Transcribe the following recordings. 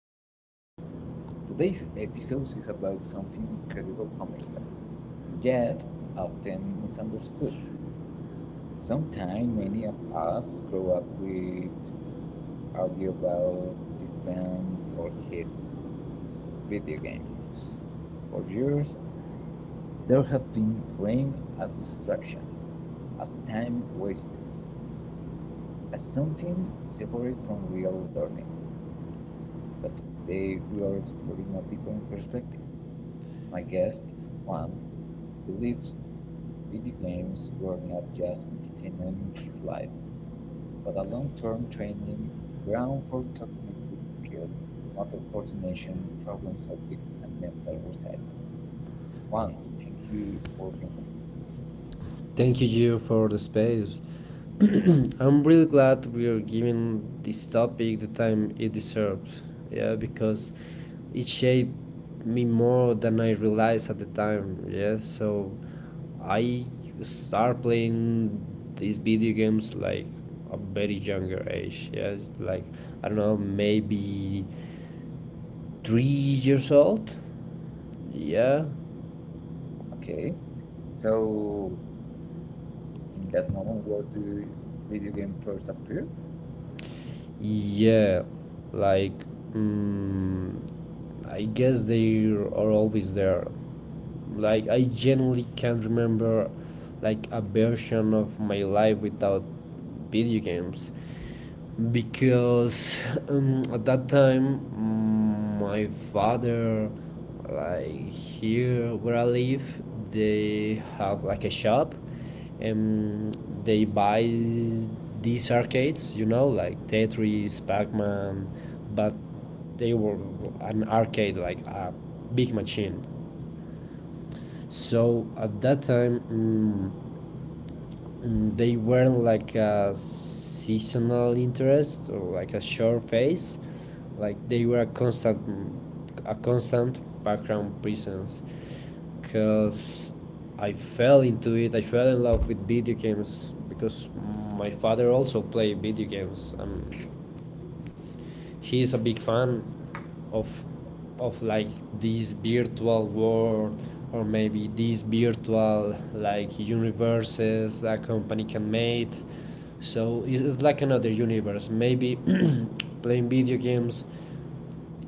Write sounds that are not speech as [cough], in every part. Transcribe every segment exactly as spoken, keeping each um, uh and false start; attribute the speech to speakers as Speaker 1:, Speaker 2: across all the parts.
Speaker 1: podcast. Today's episode is about something incredibly familiar, yet often misunderstood. Sometimes many of us grow up with argue about defend or hate video games. For years, there have been framed as distractions, as time wasters, as something separate from real learning. But today we are exploring a different perspective. My guest, Juan, believes video games were not just entertainment in his life, but a long-term training ground for cognitive skills, motor coordination, problem solving, and mental resilience. Juan, thank you for being here.
Speaker 2: Thank you, Gio, for the space. [clears throat] I'm really glad we are giving this topic the time it deserves. Yeah, because it shaped me more than I realized at the time. Yeah, so I start playing these video games like a very younger age. Yeah, like I don't know, maybe three years old. Yeah,
Speaker 1: Okay, so in that moment, where do video game first appear?
Speaker 2: Yeah, like mm, I guess they are always there. Like I genuinely can't remember like a version of my life without video games because um, at that time mm, my father, like here where I live, they have like a shop, and they buy these arcades, you know, like Tetris, Pac-Man, but they were an arcade, like a big machine. So at that time mm, and they were like a seasonal interest or like a short phase, like they were a constant a constant background presence, because I fell into it, I fell in love with video games because my father also played video games. Um, he's a big fan of of like this virtual world, or maybe these virtual like universes a company can make. So it's, like another universe maybe. [clears throat] Playing video games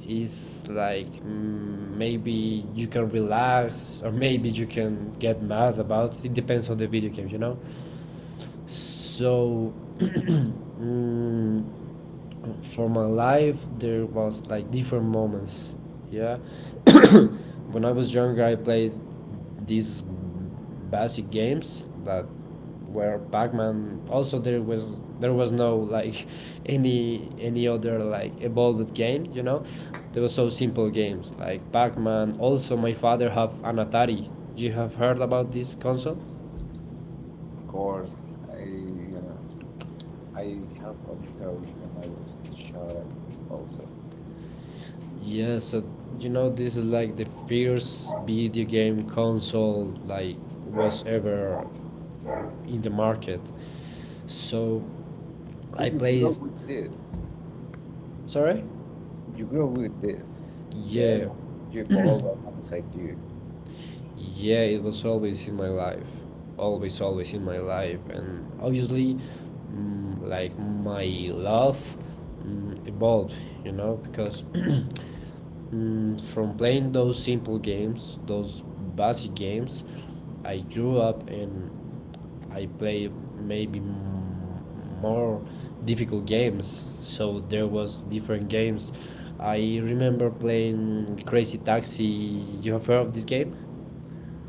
Speaker 2: is like mm, maybe you can relax, or maybe you can get mad about it. It depends on the video game, you know. So [clears throat] mm, for my life there was like different moments. Yeah. [coughs] When I was younger I played these basic games that were Pac-Man. Also, there was there was no like [laughs] any any other like evolved game, you know. There were so simple games like Pac-Man. Also my father have an Atari. You have heard about this console?
Speaker 1: Of course, I uh, I have a theory when I was a child also.
Speaker 2: Yeah, so you know this is like the first video game console like was ever in the market. So
Speaker 1: So
Speaker 2: I
Speaker 1: you
Speaker 2: played.
Speaker 1: grew up with this.
Speaker 2: Sorry?
Speaker 1: You grow with this. Yeah,
Speaker 2: Yeah.
Speaker 1: you evolve alongside you.
Speaker 2: Yeah, it was always in my life. Always always in my life, and obviously mm, like my love mm, evolved, you know, because [clears throat] mm, from playing those simple games, those basic games, I grew up and I play maybe m- more difficult games. So there was different games. I remember playing Crazy Taxi. You have heard of this game?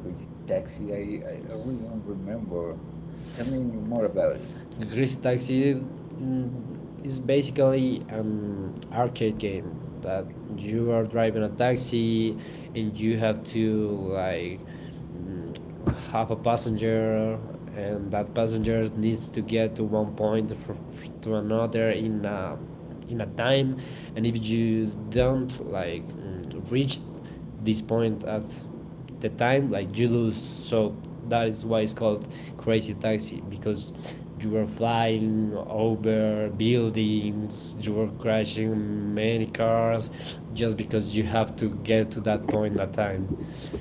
Speaker 1: With taxi, I, I I really don't remember. Tell me more about it.
Speaker 2: The Greasy Taxi mm, is basically an arcade game that you are driving a taxi, and you have to like mm, have a passenger, and that passenger needs to get to one point fr- fr- to another in a in a time. And if you don't like mm, reach this point at the time, like you lose. So that is why it's called Crazy Taxi, because you were flying over buildings, you were crashing many cars, just because you have to get to that point at time.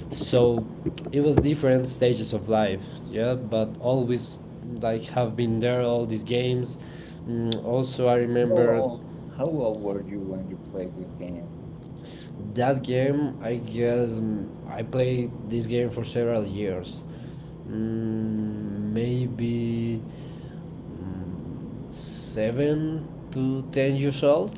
Speaker 2: So it was different stages of life, yeah, but always like have been there all these games. Mm, also I
Speaker 1: How
Speaker 2: remember
Speaker 1: old, how old were you when you played this game?
Speaker 2: that game. I guess mm, I played this game for several years, mm, maybe mm, seven to ten years old.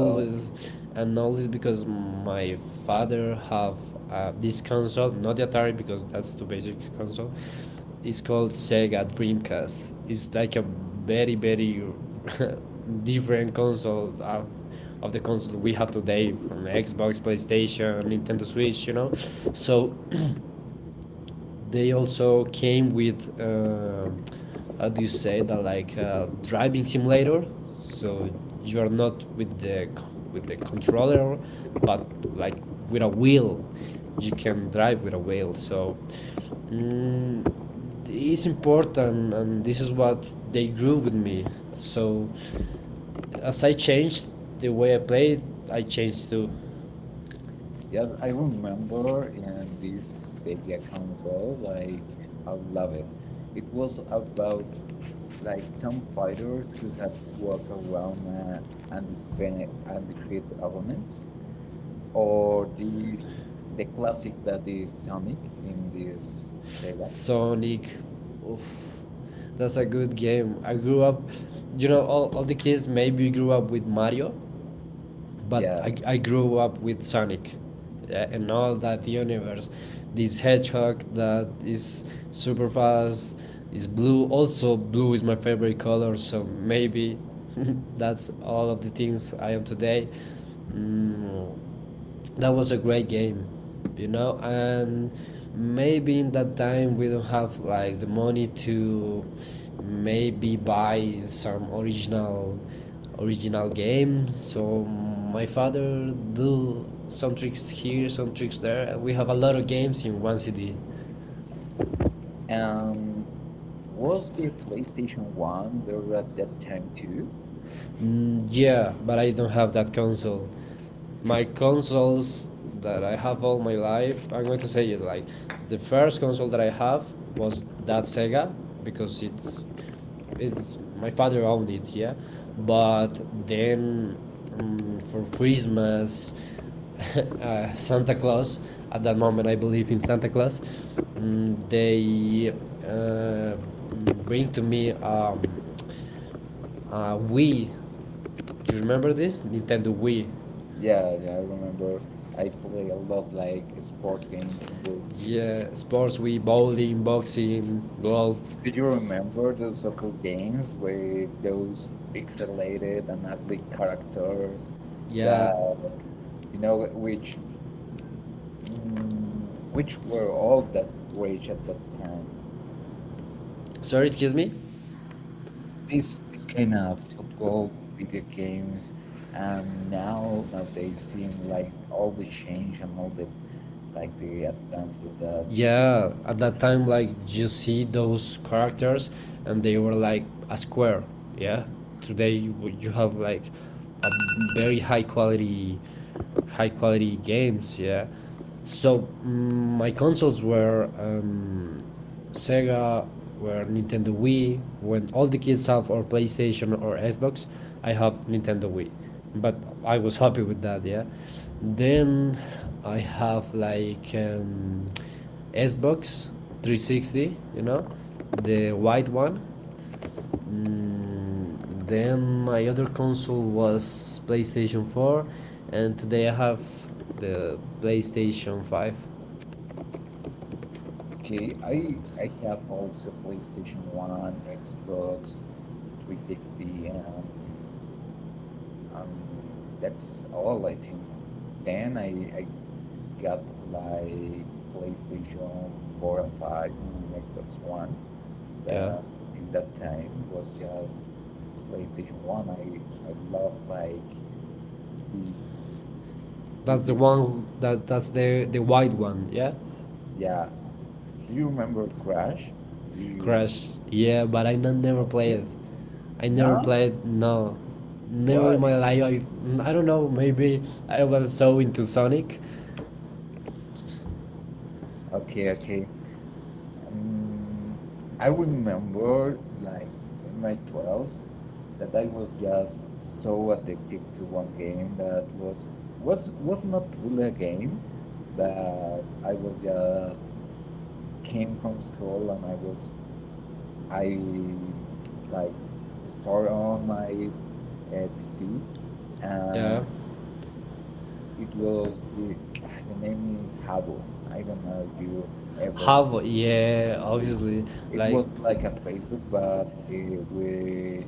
Speaker 1: Oh,
Speaker 2: and always because my father have uh, this console, not the Atari, because that's too basic console. It's called Sega Dreamcast. It's like a very very [laughs] different console of of the console we have today, from Xbox, PlayStation, Nintendo Switch, you know. So they also came with uh, how do you say that, like a driving simulator. So you are not with the with the controller, but like with a wheel. You can drive with a wheel. So mm, it's important, and this is what they grew with me. So as I changed the way I played, I changed too.
Speaker 1: yes, I remember in this Sega console, like, I love it. It was about like some fighters who had to walk around uh, and defend and defeat opponents. Or this the classic that is Sonic in this Sega.
Speaker 2: Sonic. Oof. That's a good game. I grew up, you know, all, all the kids maybe grew up with Mario, but
Speaker 1: Yeah,
Speaker 2: I, I grew up with Sonic uh, and all that universe. This hedgehog that is super fast, is blue. Also, blue is my favorite color, so maybe [laughs] that's all of the things I am today. Mm, that was a great game, you know, and maybe in that time we don't have like the money to maybe buy some original original game, so my father do some tricks here, some tricks there, and we have a lot of games in one CD.
Speaker 1: and was the PlayStation One there at that time too?
Speaker 2: mm, yeah, but I don't have that console. My consoles that I have all my life, I'm going to say it, like the first console that I have was that Sega, because it's it's my father owned it, yeah. But then um, for Christmas, [laughs] uh, Santa Claus. At that moment, I believe in Santa Claus. Mm, they uh, bring to me um, uh, Wii. Do you remember this Nintendo Wii?
Speaker 1: Yeah, yeah, I remember. I play a lot like sport games. With,
Speaker 2: Yeah, sports we bowling, boxing, golf.
Speaker 1: do you remember those soccer games with those pixelated and ugly characters
Speaker 2: Yeah.
Speaker 1: that you know which mm, which were all that rage at that time?
Speaker 2: Sorry, excuse me?
Speaker 1: This this kind of football video games and now nowadays seem like all the change and all the like the advances that this.
Speaker 2: Yeah, at that time like you see those characters, and they were like a square, yeah. Today you, you have like a very high quality high quality games, yeah. So mm, my consoles were um, Sega or Nintendo Wii. When all the kids have or PlayStation or Xbox, I have Nintendo Wii. But I was happy with that, yeah. Then I have like um, Xbox three sixty, you know, the white one. Mm, then my other console was PlayStation four, and today I have the PlayStation five.
Speaker 1: Okay, I I have also PlayStation one, Xbox three sixty and um that's all I think. Then I I got like PlayStation four and five and Xbox One
Speaker 2: Yeah.
Speaker 1: uh, in that time was just PlayStation One. I I love like these these
Speaker 2: That's the
Speaker 1: video games.
Speaker 2: one that that's the the white one, yeah.
Speaker 1: Yeah. Do you remember Crash? Do you
Speaker 2: Crash, yeah. But I not, never
Speaker 1: remember
Speaker 2: played
Speaker 1: it?
Speaker 2: it. I never
Speaker 1: No?
Speaker 2: played. No, never in
Speaker 1: Why?
Speaker 2: my life. I I don't know. Maybe I was so into Sonic.
Speaker 1: Okay, okay. Um, I remember like in my twelves that I was just so addicted to one game that was was was not really a game that I was just came from school and I was I like store on my uh, P C and
Speaker 2: Yeah.
Speaker 1: it was the, the name is Hubble. I don't know if you ever
Speaker 2: Havo, yeah.
Speaker 1: with
Speaker 2: Obviously,
Speaker 1: it
Speaker 2: like
Speaker 1: was like a Facebook but uh, with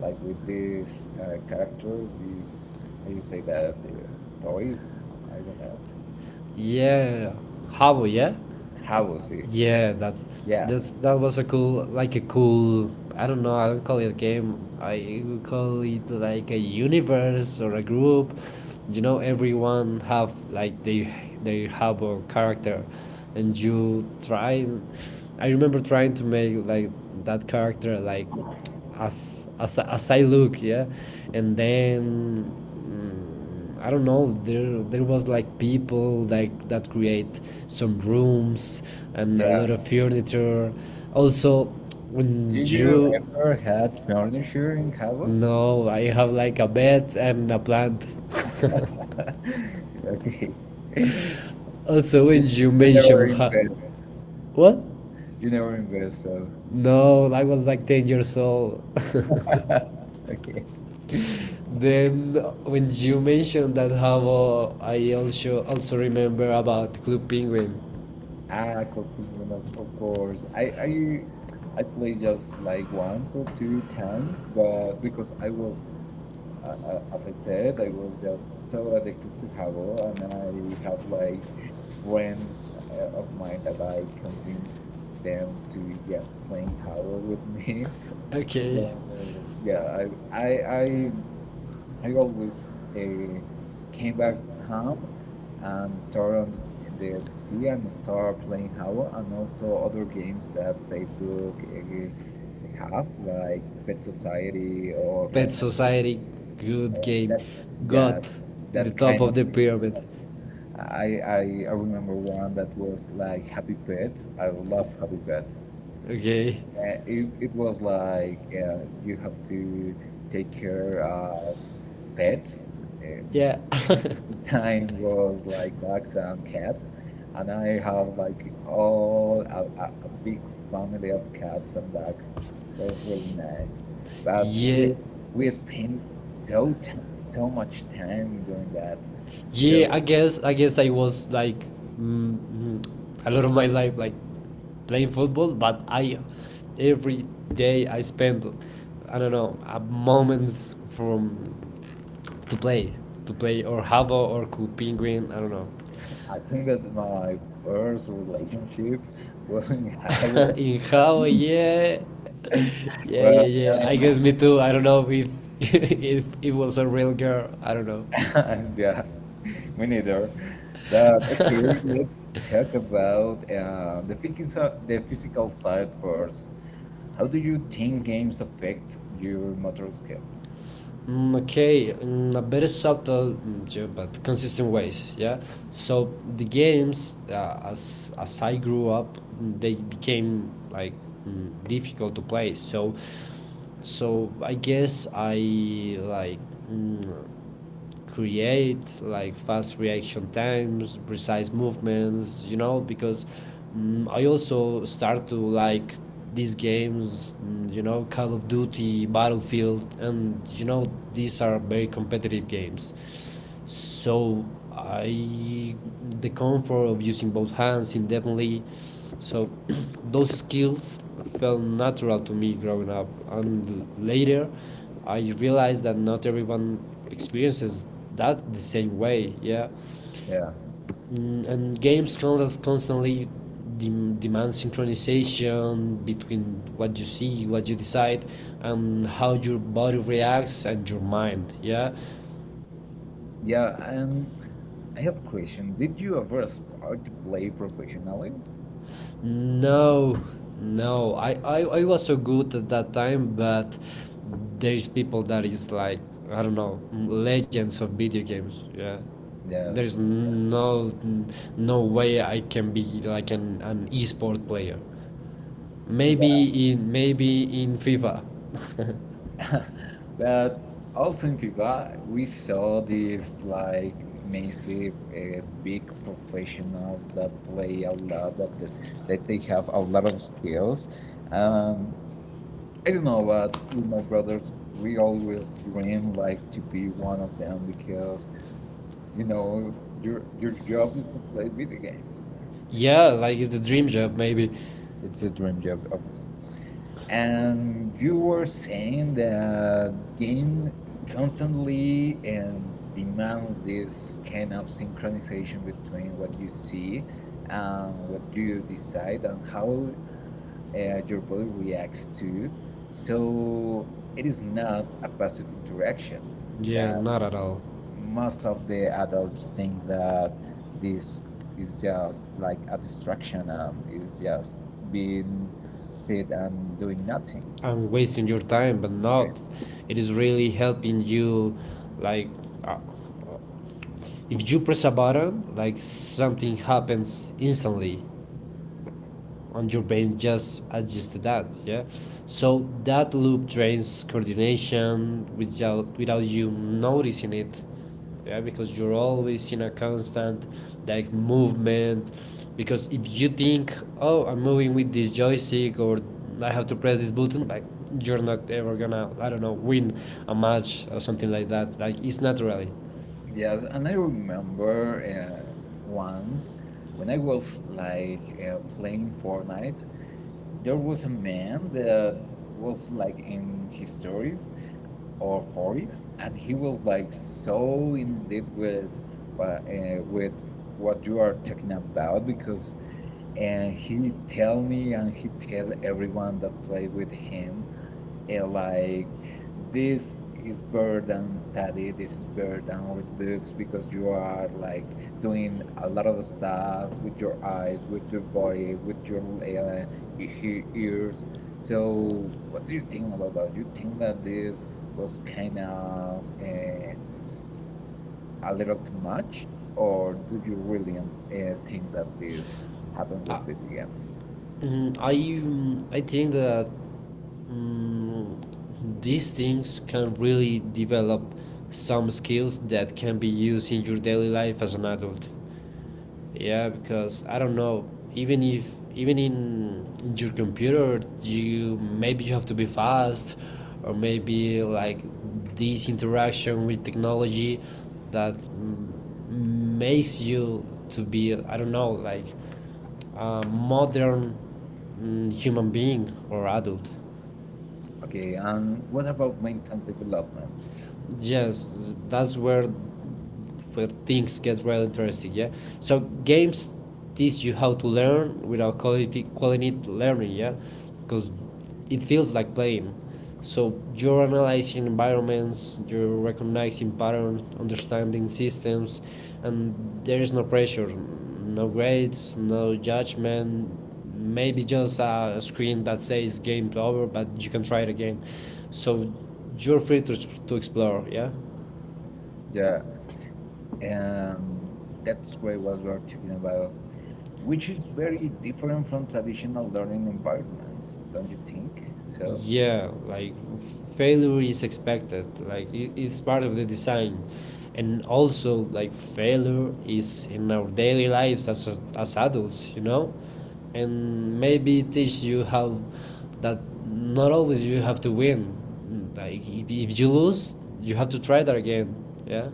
Speaker 1: like with these uh, characters these how you say that the toys I don't know
Speaker 2: yeah. Havo, yeah.
Speaker 1: Hubble see,
Speaker 2: Yeah, that's
Speaker 1: yeah,
Speaker 2: that's that was a cool, like a cool, I don't know. I don't call it a game. I would call it like a universe or a group. You know, everyone have like they they have a character, and you try, I remember trying to make like that character, like as as as I look, yeah. And then mm, I don't know. There there was like people like that create some rooms and a
Speaker 1: yeah.
Speaker 2: lot of furniture. Also, when
Speaker 1: Did you
Speaker 2: you
Speaker 1: ever had furniture in Hubble?
Speaker 2: No, I have like a bed and a plant.
Speaker 1: [laughs] Okay.
Speaker 2: [laughs] also,
Speaker 1: You
Speaker 2: when you
Speaker 1: you never
Speaker 2: mention ha-
Speaker 1: invest.
Speaker 2: what?
Speaker 1: You never invest, so
Speaker 2: No, I was like ten years old.
Speaker 1: [laughs] okay.
Speaker 2: [laughs] then when you mentioned that Havo, I also also remember about Club Penguin.
Speaker 1: Ah, Clock Penguin, of, of course. I I I played just like once or two times, but because I was, uh, uh, as I said, I was just so addicted to Habbo, and I have like friends uh, of mine that I convinced them to just playing Habbo with me. [laughs] So
Speaker 2: Okay.
Speaker 1: yeah, I I I I always uh, came back home and start on the, the P C and start playing Java and also other games that Facebook uh, have like Pet Society or
Speaker 2: Pet
Speaker 1: like
Speaker 2: Society,
Speaker 1: uh,
Speaker 2: good game.
Speaker 1: that yeah
Speaker 2: God, the
Speaker 1: that
Speaker 2: top
Speaker 1: kind of
Speaker 2: of the
Speaker 1: games.
Speaker 2: pyramid.
Speaker 1: I, I I remember one that was like Happy Pets. I love Happy Pets.
Speaker 2: Okay.
Speaker 1: Yeah, it, it was like uh, you have to take care of pets. Uh,
Speaker 2: Yeah. [laughs]
Speaker 1: the time was like dogs and cats, and I have like all a, a, a big family of cats and dogs. It was really nice, but
Speaker 2: yeah.
Speaker 1: we we spent so t so much time doing that.
Speaker 2: Yeah.
Speaker 1: So
Speaker 2: I guess. I guess I was like mm, mm, a lot of my life like playing football, but I, every day I spend, I don't know, a moment from to play to play or Havo or Cool Penguin. I don't know.
Speaker 1: I think that my first relationship was in [laughs]
Speaker 2: [laughs]
Speaker 1: Howard.
Speaker 2: in how? Yeah, [laughs] yeah, yeah, yeah. I guess me too. I don't know if [laughs] if it was a real girl. I don't know.
Speaker 1: [laughs] Yeah, me neither. But okay, let's
Speaker 2: [laughs]
Speaker 1: talk about uh, the physical the physical side first. How do you think games affect your motor skills?
Speaker 2: Mm, okay, in a very subtle mm, yeah, but consistent ways. Yeah. So the games, uh, as as I grew up, mm, they became like mm, difficult to play. So so I guess I like. Mm, create like fast reaction times, precise movements, you know, because mm, I also start to like these games, mm, you know, Call of Duty, Battlefield, and you know, these are very competitive games, so I the comfort of using both hands indefinitely. So [clears throat] those skills felt natural to me growing up, and later I realized that not everyone experiences that the same way, yeah.
Speaker 1: Yeah,
Speaker 2: Mm, and games con- constantly dem- demand synchronization between what you see, what you decide, and how your body reacts, and your mind, yeah.
Speaker 1: yeah. Um, I have a question. Did you ever aspire to play professionally?
Speaker 2: No, no. I, I, I was so good at that time, but there's people that is like, I don't know, legends of video games. Yeah, there's
Speaker 1: Yes.
Speaker 2: no no way I can be like an an esport player. Maybe in maybe in FIFA. [laughs]
Speaker 1: [laughs] But also in FIFA, we saw these like massive, uh, big professionals that play a lot, that, that that they have a lot of skills. Um, I don't know, but with my brothers, we always dream like to be one of them because you know your your job is to play video games.
Speaker 2: yeah, like it's the dream job. Maybe.
Speaker 1: It's a dream job, obviously. And you were saying that game constantly and demands this kind of synchronization between what you see and what you decide and how uh, your body reacts to, so it is not a passive interaction
Speaker 2: Yeah,
Speaker 1: that
Speaker 2: not at all.
Speaker 1: most of the adults thinks that this is just like a distraction and is just being sit and doing nothing.
Speaker 2: I'm wasting your time, but
Speaker 1: Great.
Speaker 2: not. It is really helping you, like. Uh, If you press a button, like something happens instantly, and your brain just adjusts to that, yeah? So that loop drains coordination without without you noticing it, yeah, because you're always in a constant like movement. Because if you think, oh, I'm moving with this joystick, or I have to press this button, like you're not ever gonna, I don't know, win a match or something like that. Like it's naturally.
Speaker 1: Yes, and I remember uh, once when I was like uh, playing Fortnite, there was a man that was like in his thirties or forties, and he was like so in deep with uh, uh, with what you are talking about because and he tell me and he tell everyone that played with him uh, like this is better than study, this is better than read books because you are like doing a lot of stuff with your eyes with your body with your uh, e- e-, ears. So what do you think about that? You think that this was kind of uh, a little too much, or do you really um, uh, think that this happened with
Speaker 2: I,
Speaker 1: video games?
Speaker 2: Mm, I mm, I think that mm, these things can really develop some skills that can be used in your daily life as an adult. Yeah, because I don't know. Even if even in your computer, you maybe you have to be fast, or maybe like this interaction with technology that m- makes you to be, I don't know, like a modern mm, human being or adult.
Speaker 1: Okay, and what about mental development?
Speaker 2: Yes, that's where where things get real interesting. Yeah. So games teach you how to learn without quality quality learning, yeah, because it feels like playing. So you're analyzing environments, you're recognizing patterns, understanding systems, and there is no pressure, no grades, no judgment. Maybe just a screen that says game over, but you can try it again. So you're free to, to explore. Yeah.
Speaker 1: Yeah. um, that's great what we're talking about, which is very different from traditional learning environments, don't you think? So,
Speaker 2: Yeah, like f- failure is expected. Like it, it's part of the design, and also like failure is in our daily lives as as as adults, you know, and maybe teach you how that not always you have to win. Like if, if you lose, you have to try that again. Yeah.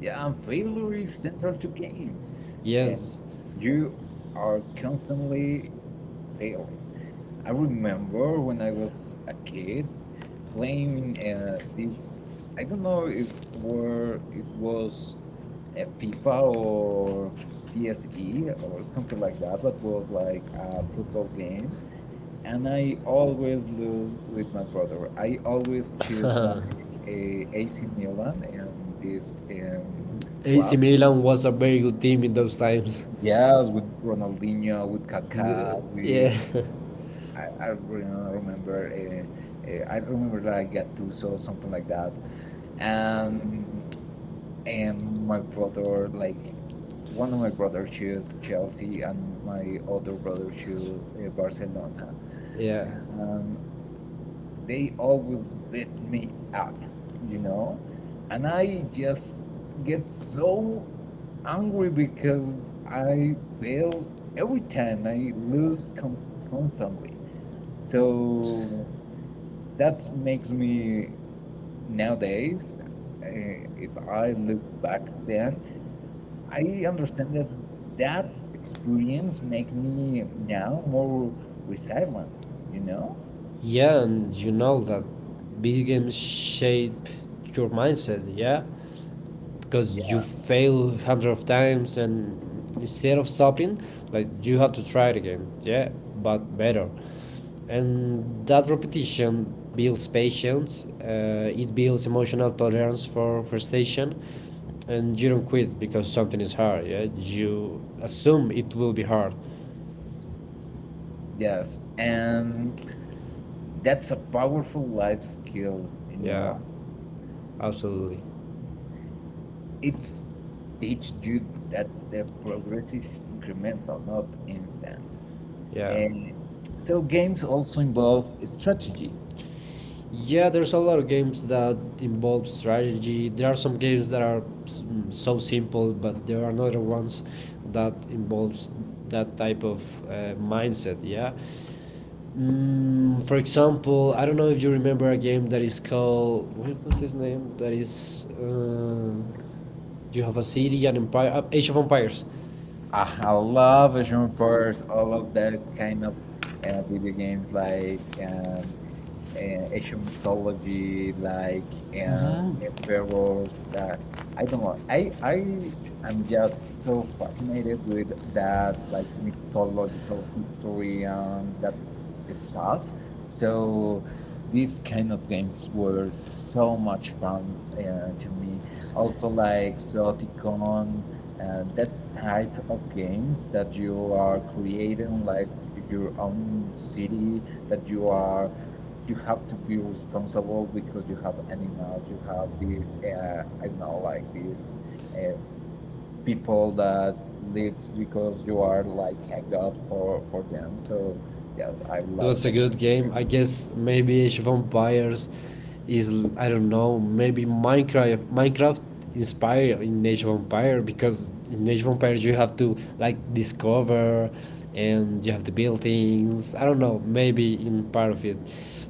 Speaker 1: yeah, and failure is central to games, and
Speaker 2: Yes.
Speaker 1: you are constantly failing. I remember when I was a kid playing uh, this. I don't know if were it was uh, FIFA or P S E or something like that, but was like a football game and I always lose with my brother. I always choose like a AC Milan and this um,
Speaker 2: A C
Speaker 1: club.
Speaker 2: Milan was a very good team in those times. [laughs]
Speaker 1: Yes, with Ronaldinho, with
Speaker 2: The-
Speaker 1: Kaká, with
Speaker 2: yeah.
Speaker 1: I, I really don't remember. Uh, uh, I remember like Gattuso, something like that. And and my brother like one of my brothers chose Chelsea and my other brother chose uh, Barcelona.
Speaker 2: [laughs] yeah.
Speaker 1: Um, they always beat me up, you know? And I just get so angry because I fail every time, I lose con- constantly. So that makes me nowadays, uh, if I look back then, I understand that that experience make me now more resilient. You know?
Speaker 2: Yeah, and you know that video games shape your mindset, yeah? Because you
Speaker 1: Yeah.
Speaker 2: fail hundred of times and instead of stopping, like you have to try it again, yeah, but better. And that repetition builds patience, uh, it builds emotional tolerance for frustration, and you don't quit because something is hard, yeah? You assume it will be hard,
Speaker 1: Yes. And that's a powerful life skill, you
Speaker 2: yeah,
Speaker 1: know.
Speaker 2: absolutely,
Speaker 1: It's teach you that the progress is incremental, not instant.
Speaker 2: yeah.
Speaker 1: And so games also involve strategy.
Speaker 2: Yeah, there's a lot of games that involve strategy. There are some games that are s- mm, so simple, but there are other ones that involves that type of uh, mindset. Yeah. Mm, for example, I don't know if you remember a game that is called what, what's his name? That is, uh, you have a city and empire, uh, Age of Empires.
Speaker 1: I, I love action pairs, all of that kind of uh, video games like um, uh, ancient mythology, like um, emperors. Uh, I don't know. I I am just so fascinated with that like mythological history and that stuff. So these kind of games were so much fun uh, to me. Also like Zoticon, uh, that type of games that you are creating like your own city that you are you have to be responsible because you have animals, you have these, uh, I don't know, like these uh, people that live because you are like a god for, for them. So, yes, I
Speaker 2: It
Speaker 1: love
Speaker 2: was a
Speaker 1: that
Speaker 2: good
Speaker 1: game.
Speaker 2: game. I guess maybe Age of Empires is I don't know. Maybe Minecraft Minecraft inspired in Age of Empires, because in Age of Empires you have to like discover and you have to build things. I don't know. Maybe in part of it.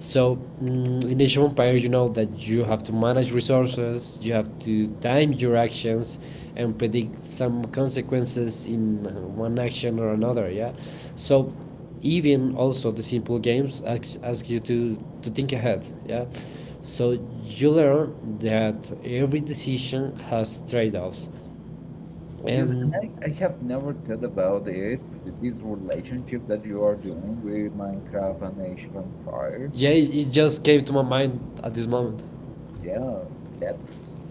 Speaker 2: So mm, in Age of Empires you know that you have to manage resources. You have to time your actions and predict some consequences in uh, one action or another. Yeah. So even also the simple games ask, ask you to, to think ahead, yeah, so you learn that every decision has trade-offs,
Speaker 1: Yes,
Speaker 2: and
Speaker 1: and I, I have never thought about it, th- this relationship that you are doing with Minecraft and Age of Empires.
Speaker 2: yeah, it just came to my mind at this moment.
Speaker 1: Yeah, that's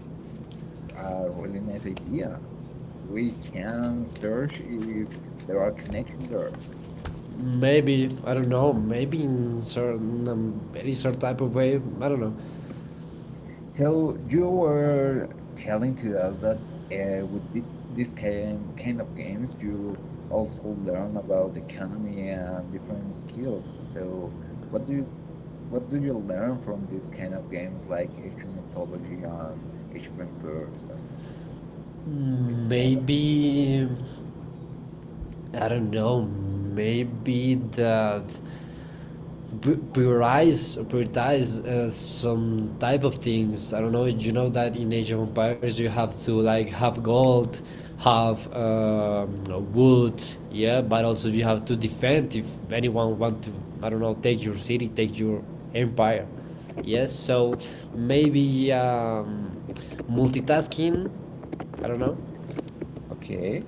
Speaker 1: a really nice idea. We can search if there are connections there.
Speaker 2: Maybe I don't know, maybe in certain um, very certain type of way, I don't know.
Speaker 1: So you were telling to us that uh, with thi- this kind kind of games, you also learn about the economy and different skills. So what do you what do you learn from these kind of games like Age of Mythology and Age of Empires and this kind of?
Speaker 2: Maybe I don't know, maybe that pri- prioritize prioritize uh, some type of things, I don't know. You know that in Age of Empires you have to like have gold, have uh, wood, yeah, but also you have to defend if anyone want to, I don't know, take your city, take your empire. Yes, so maybe um, multitasking, I don't know.
Speaker 1: Okay.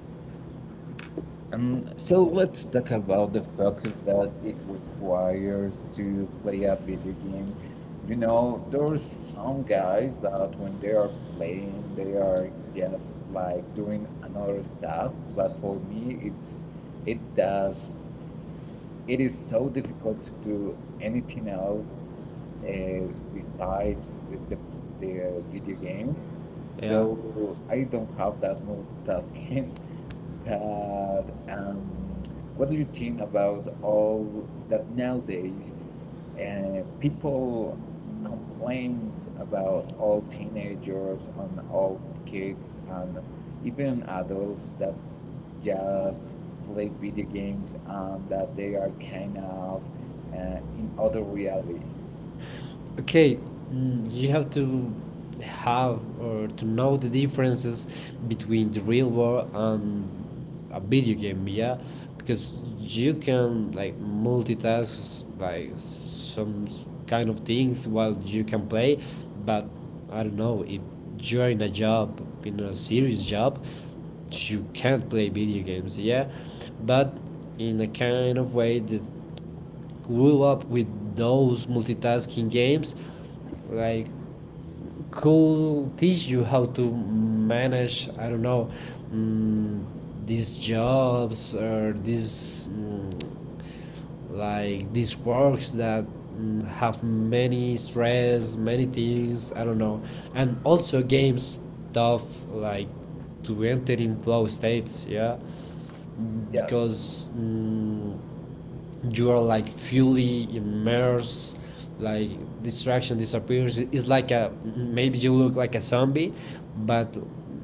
Speaker 1: Um, so let's talk about the focus that it requires to play a video game. You know, there are some guys that when they are playing, they are just like doing another stuff. But for me, it's it does it is so difficult to do anything else uh, besides the, the the video game.
Speaker 2: Yeah.
Speaker 1: So I don't have that multitasking. [laughs] Uh, um, what do you think about all that nowadays? Uh, people complains about all teenagers and all kids and even adults that just play video games and that they are kind of uh, in other reality.
Speaker 2: Okay, mm, you have to have or to know the differences between the real world and a video game, yeah, because you can like multitask like some s- kind of things while you can play, but I don't know if you're in a job, in a serious job, you can't play video games, yeah, but in a kind of way that grew up with those multitasking games like could teach you how to manage, I don't know, um, these jobs or these mm, like these works that mm, have many stress, many things, I don't know. And also games stuff like to enter in flow states, yeah,
Speaker 1: Yeah,
Speaker 2: because mm, you are like fully immersed, like distraction disappears, it's like a, maybe you look like a zombie, but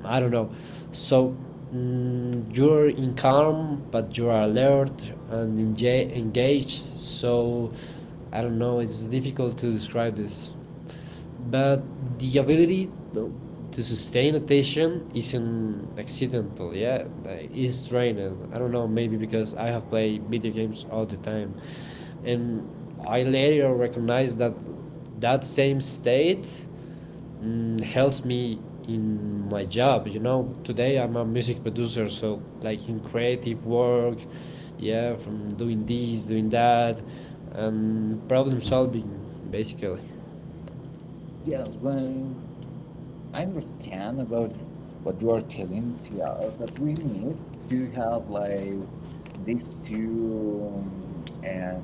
Speaker 2: I don't know. So mm, you're in calm but you are alert and enga- engaged, so I don't know, it's difficult to describe this, but the ability to sustain attention isn't accidental, yeah, like, it's trained. I don't know, maybe because I have played video games all the time. And I later recognized that that same state mm, helps me in my job. You know, today I'm a music producer, so like in creative work, yeah, from doing this doing that and problem solving, basically.
Speaker 1: yes. When I understand about what you are telling to us that we need to have like these two um, uh,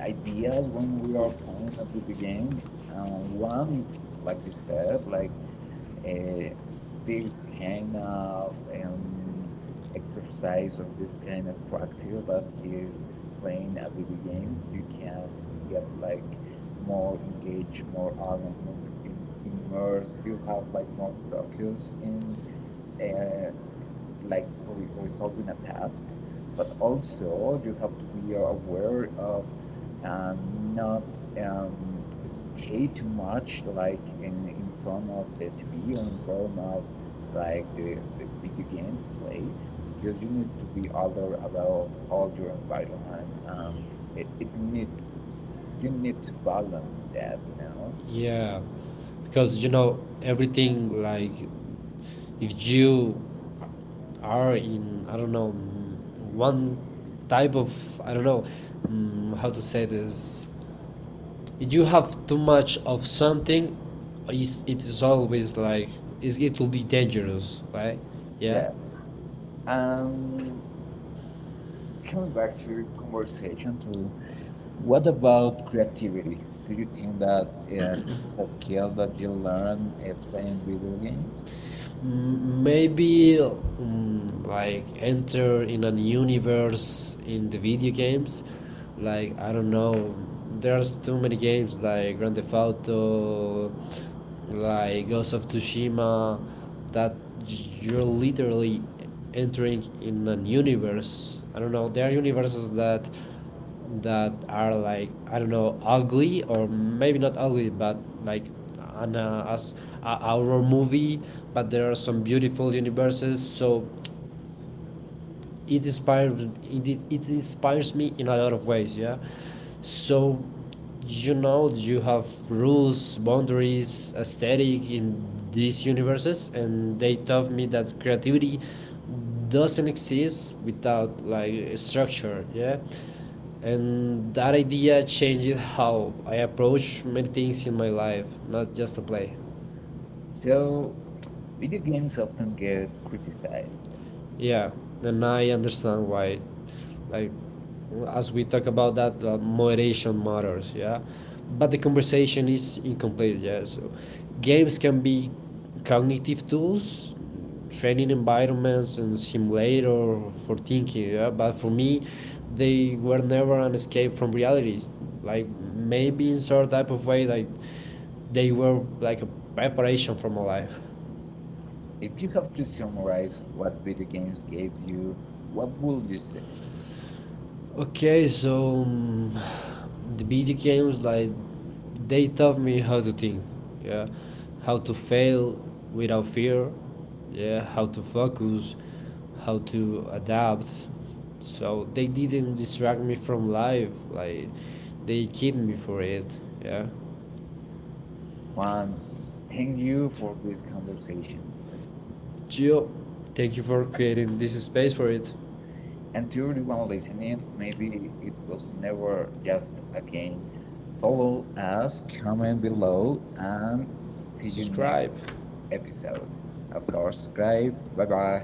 Speaker 1: ideas when we are playing a video game. Uh, One is like you said, like uh, this kind of um, exercise or this kind of practice that is playing a video game, you can get like more engaged, more earned, more im- immersed. You have like more focus in uh, like re- resolving a task, but also you have to be aware of um, not um, stay too much like in, in front of the T V or in front of like the, the video game play because you need to be aware about all your environment. Um, it, it needs you need to balance that now.
Speaker 2: Yeah, because you know everything like if you are in, I don't know, mm, one type of, I don't know, mm, how to say this. If you have too much of something, is it is always like it, it will be dangerous, right? Yeah.
Speaker 1: Yes. Um, Coming back to your conversation, to what about creativity? Do you think that uh, this is a skill that you learn uh, playing video games?
Speaker 2: Mm, Maybe mm, like enter in a universe in the video games. Like I don't know, there's too many games like Grand Theft Auto, like Ghost of Tsushima, that you're literally entering in an universe. I don't know. There are universes that that are like, I don't know, ugly, or maybe not ugly but like an uh, as a horror movie, but there are some beautiful universes, so it inspires, it, it inspires me in a lot of ways, yeah. So you know, you have rules, boundaries, aesthetic in these universes, and they taught me that creativity doesn't exist without like a structure, yeah, and that idea changed how I approach many things in my life, not just a play.
Speaker 1: So, video games often get criticized.
Speaker 2: Yeah, and I understand why. Like, as we talk about that, uh, moderation matters. Yeah, but the conversation is incomplete. Yeah, so games can be cognitive tools, training environments, and simulator for thinking. Yeah, but for me, they were never an escape from reality. Like maybe in some type of way, like they were like a preparation for my life.
Speaker 1: If you have to summarize what video games gave you, what would you say?
Speaker 2: Okay, so um, the video games like they taught me how to think, yeah, how to fail without fear, yeah, how to focus, how to adapt. So they didn't distract me from life, like they kid me for it, yeah.
Speaker 1: One, thank you for this conversation.
Speaker 2: Gio, thank you for creating this space for it.
Speaker 1: And to everyone listening, maybe it was never just a game. Follow us, comment below, and see you next
Speaker 2: Subscribe.
Speaker 1: episode. Of course, subscribe. Bye bye.